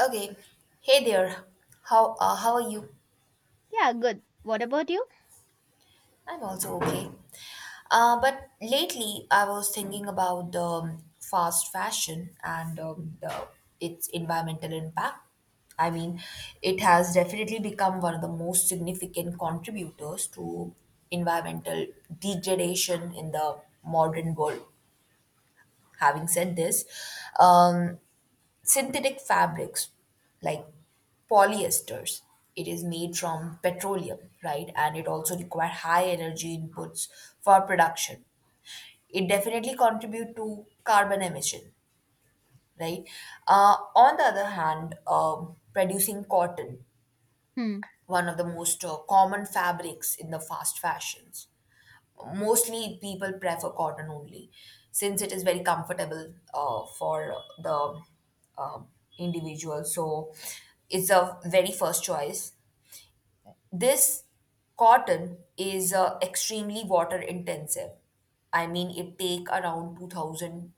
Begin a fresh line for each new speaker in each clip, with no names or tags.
Okay. Hey there. How are you?
Yeah, good. What about you?
I'm also okay. But lately, I was thinking about the fast fashion and its environmental impact. I mean, it has definitely become one of the most significant contributors to environmental degradation in the modern world. Having said this, um, synthetic fabrics like polyesters, it is made from petroleum, right, and it also require high energy inputs for production. It definitely contribute to carbon emission, right. On the other hand, producing cotton,
Hmm.
one of the most common fabrics in the fast fashions, mostly people prefer cotton only since it is very comfortable uh, for the um individual, so it's a very first choice. This cotton is extremely water intensive. I mean, it take around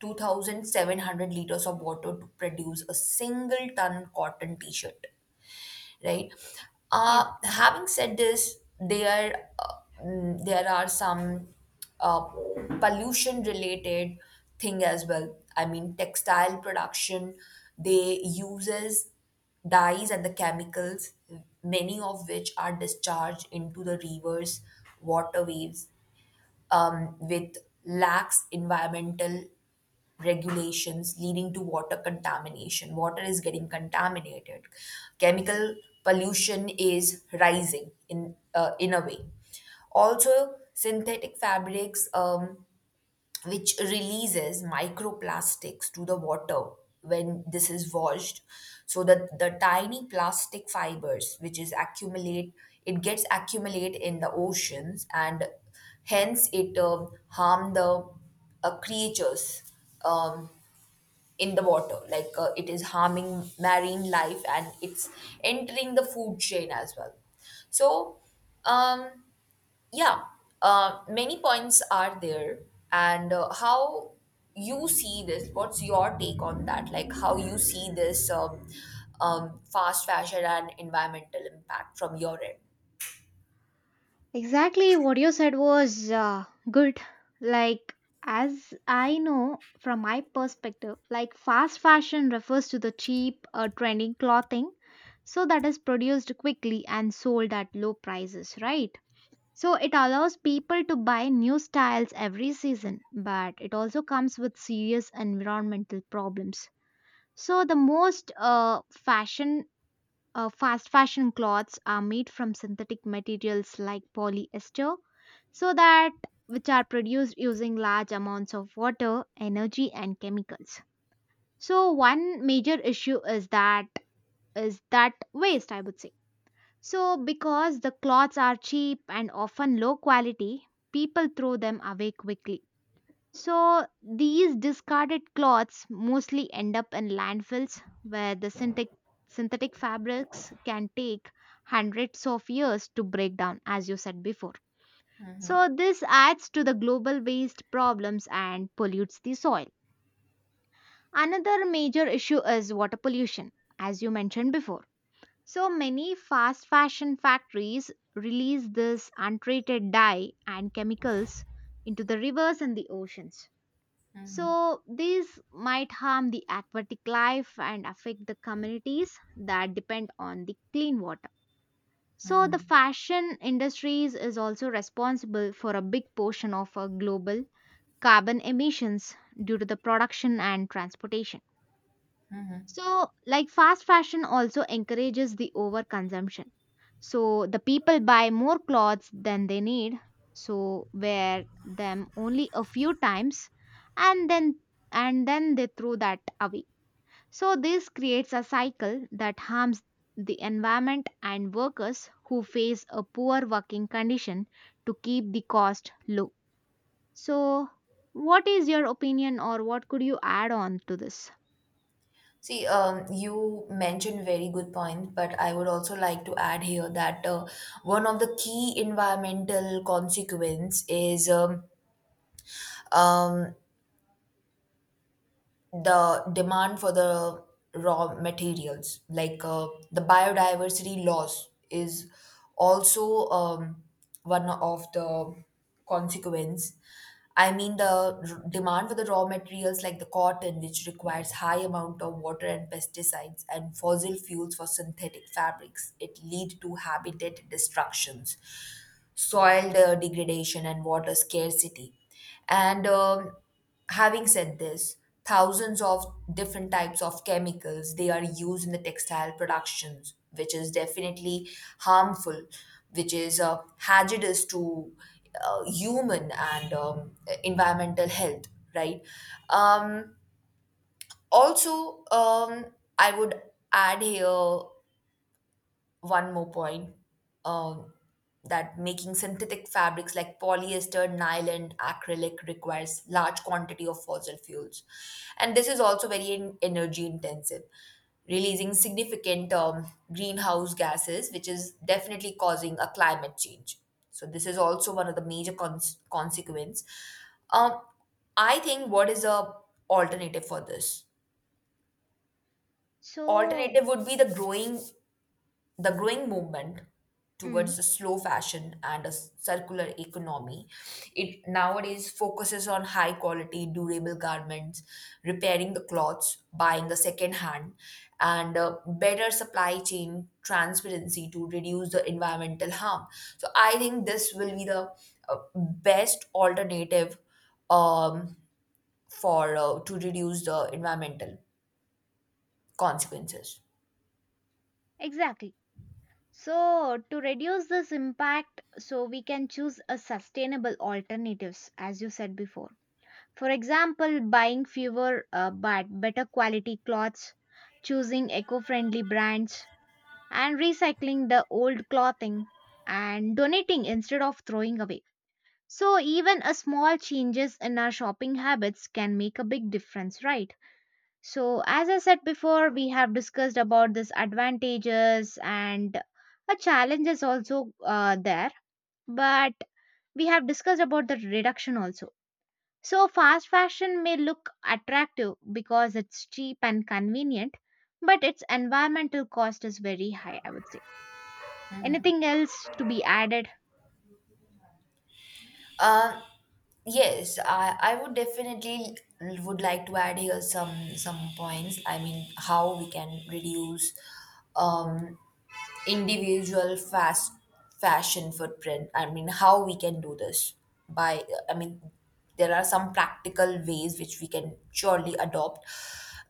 2,700 liters of water to produce a single ton cotton t-shirt, right?
Yes,
Uh,
good.
having said this, there are some uh, pollution related thing as well. I mean, textile production, they uses dyes and the chemicals, many of which are discharged into the rivers, waterways, with lax environmental regulations leading to water contamination. Water is getting contaminated. Chemical pollution is rising in a way. Also, synthetic fabrics, which releases microplastics to the water when this is washed, so that the tiny plastic fibers, which is accumulate, it gets accumulate in the oceans, and hence it harm the creatures um, in the water. Like it is harming marine life and it's entering the food chain as well. so um yeah Many points are there, and how you see this, what's your take on that? Like, how you see this fast fashion and environmental impact from your end?
Exactly what you said was good. Like, as I know from my perspective, like fast fashion refers to the cheap or trendy clothing, so that is produced quickly and sold at low prices, right? So it allows people to buy new styles every season, but it also comes with serious environmental problems. So the most fashion Fast fashion clothes are made from synthetic materials like polyester, so that which are produced using large amounts of water, energy, and chemicals. So one major issue is that waste, I would say. So because the clothes are cheap and often low quality, people throw them away quickly. So these discarded cloths mostly end up in landfills where the synthetic fabrics can take hundreds of years to break down as you said before. So this adds to the global waste problems and pollutes the soil. Another major issue is water pollution as you mentioned before. So many fast fashion factories release this untreated dye and chemicals into the rivers and the oceans, so these might harm the aquatic life and affect the communities that depend on the clean water. So, the fashion industries is also responsible for a big portion of our global carbon emissions due to the production and transportation. So, like fast fashion also encourages the overconsumption. So, the people buy more clothes than they need, so wear them only a few times and then and then they throw that away. So, this creates a cycle that harms the environment and workers who face a poor working condition to keep the cost low. So, what is your opinion or what could you add on to this?
See, you mentioned very good point, but I would also like to add here that one of the key environmental consequence is um, the demand for the raw materials, like the biodiversity loss, is also one of the consequence. I mean, demand for the raw materials like the cotton, which requires high amount of water and pesticides and fossil fuels for synthetic fabrics, it lead to habitat destructions, soil degradation, and water scarcity. And Having said this, thousands of different types of chemicals they are used in the textile productions, which is definitely harmful, which is hazardous to human and environmental health, right? Um, also, um, I would add here one more point, um, that making synthetic fabrics like polyester, nylon, acrylic requires large quantity of fossil fuels, and this is also very energy intensive, releasing significant greenhouse gases, which is definitely causing a climate change. So this is also one of the major consequence. um, I think, what is a alternative for this?
So,
Alternative would be the growing movement
mm,
towards a slow fashion and a circular economy. It nowadays focuses on high quality, durable garments, repairing the clothes, buying the second hand, and better supply chain transparency to reduce the environmental harm. So I think this will be the best alternative um, for to reduce the environmental consequences.
Exactly. So, to reduce this impact, so we can choose a sustainable alternatives, as you said before. For example, buying fewer but better quality cloths, choosing eco-friendly brands, and recycling the old clothing and donating instead of throwing away. So, even a small changes in our shopping habits can make a big difference, right? So, as I said before, we have discussed about this advantages and a challenges also there, but we have discussed about the reduction also. So, fast fashion may look attractive because it's cheap and convenient, but its environmental cost is very high, I would say. Anything else to be added?
Um Yes, I would definitely would like to add here some points. I mean, how we can reduce um, individual fast fashion footprint. I mean, how we can do this by, I mean, there are some practical ways which we can surely adopt,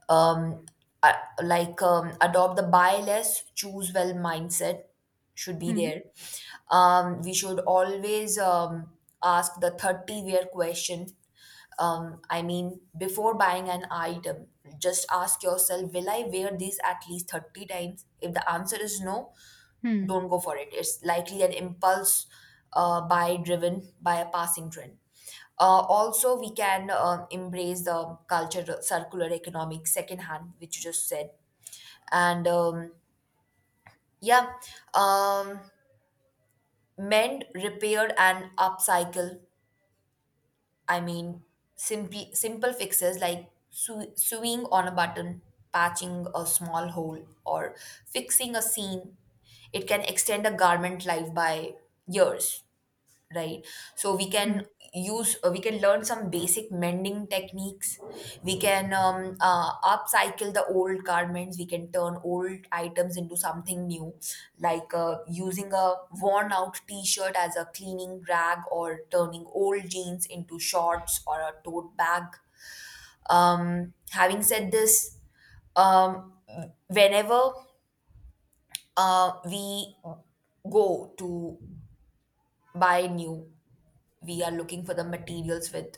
um, uh, like adopt the buy less, choose well mindset should be
Hmm.
there. We should always ask the 30 wear question. I mean, before buying an item, just ask yourself, will I wear this at least 30 times? If the answer is no,
Hmm.
don't go for it. It's likely an impulse buy driven by a passing trend. Also, we can embrace the culture, circular economic, secondhand, which you just said, and um, yeah, um, mend, repair, and upcycle. I mean, simply simple fixes like sewing on a button, patching a small hole, or fixing a seam. It can extend a garment life by years, right? So we can
Hmm.
use we can learn some basic mending techniques. We can upcycle the old garments. We can turn old items into something new, like using a worn out t-shirt as a cleaning rag, or turning old jeans into shorts or a tote bag. Having said this, um, whenever we go to buy new, we are looking for the materials with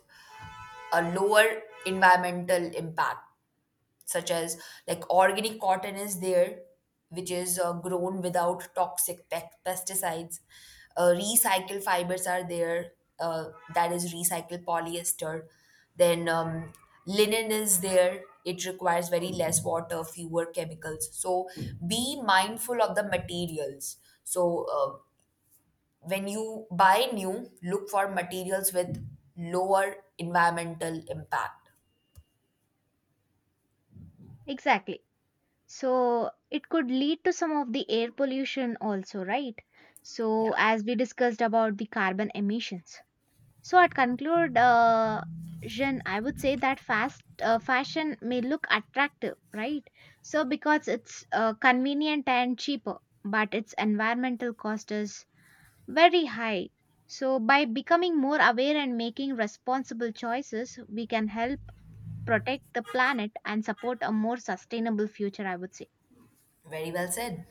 a lower environmental impact, such as, like, organic cotton is there, which is grown without toxic pesticides. Recycled fibers are there, uh, that is recycled polyester. Then linen is there. It requires very less water, fewer chemicals. So be mindful of the materials. So when you buy new, look for materials with lower environmental impact.
Exactly. So it could lead to some of the air pollution also, right?
Yeah,
So as we discussed about the carbon emissions. So at conclude, Jen, I would say that fast fashion may look attractive, right? So because it's convenient and cheaper, but its environmental cost is very high. So by becoming more aware and making responsible choices, we can help protect the planet and support a more sustainable future, I would say.
very well said.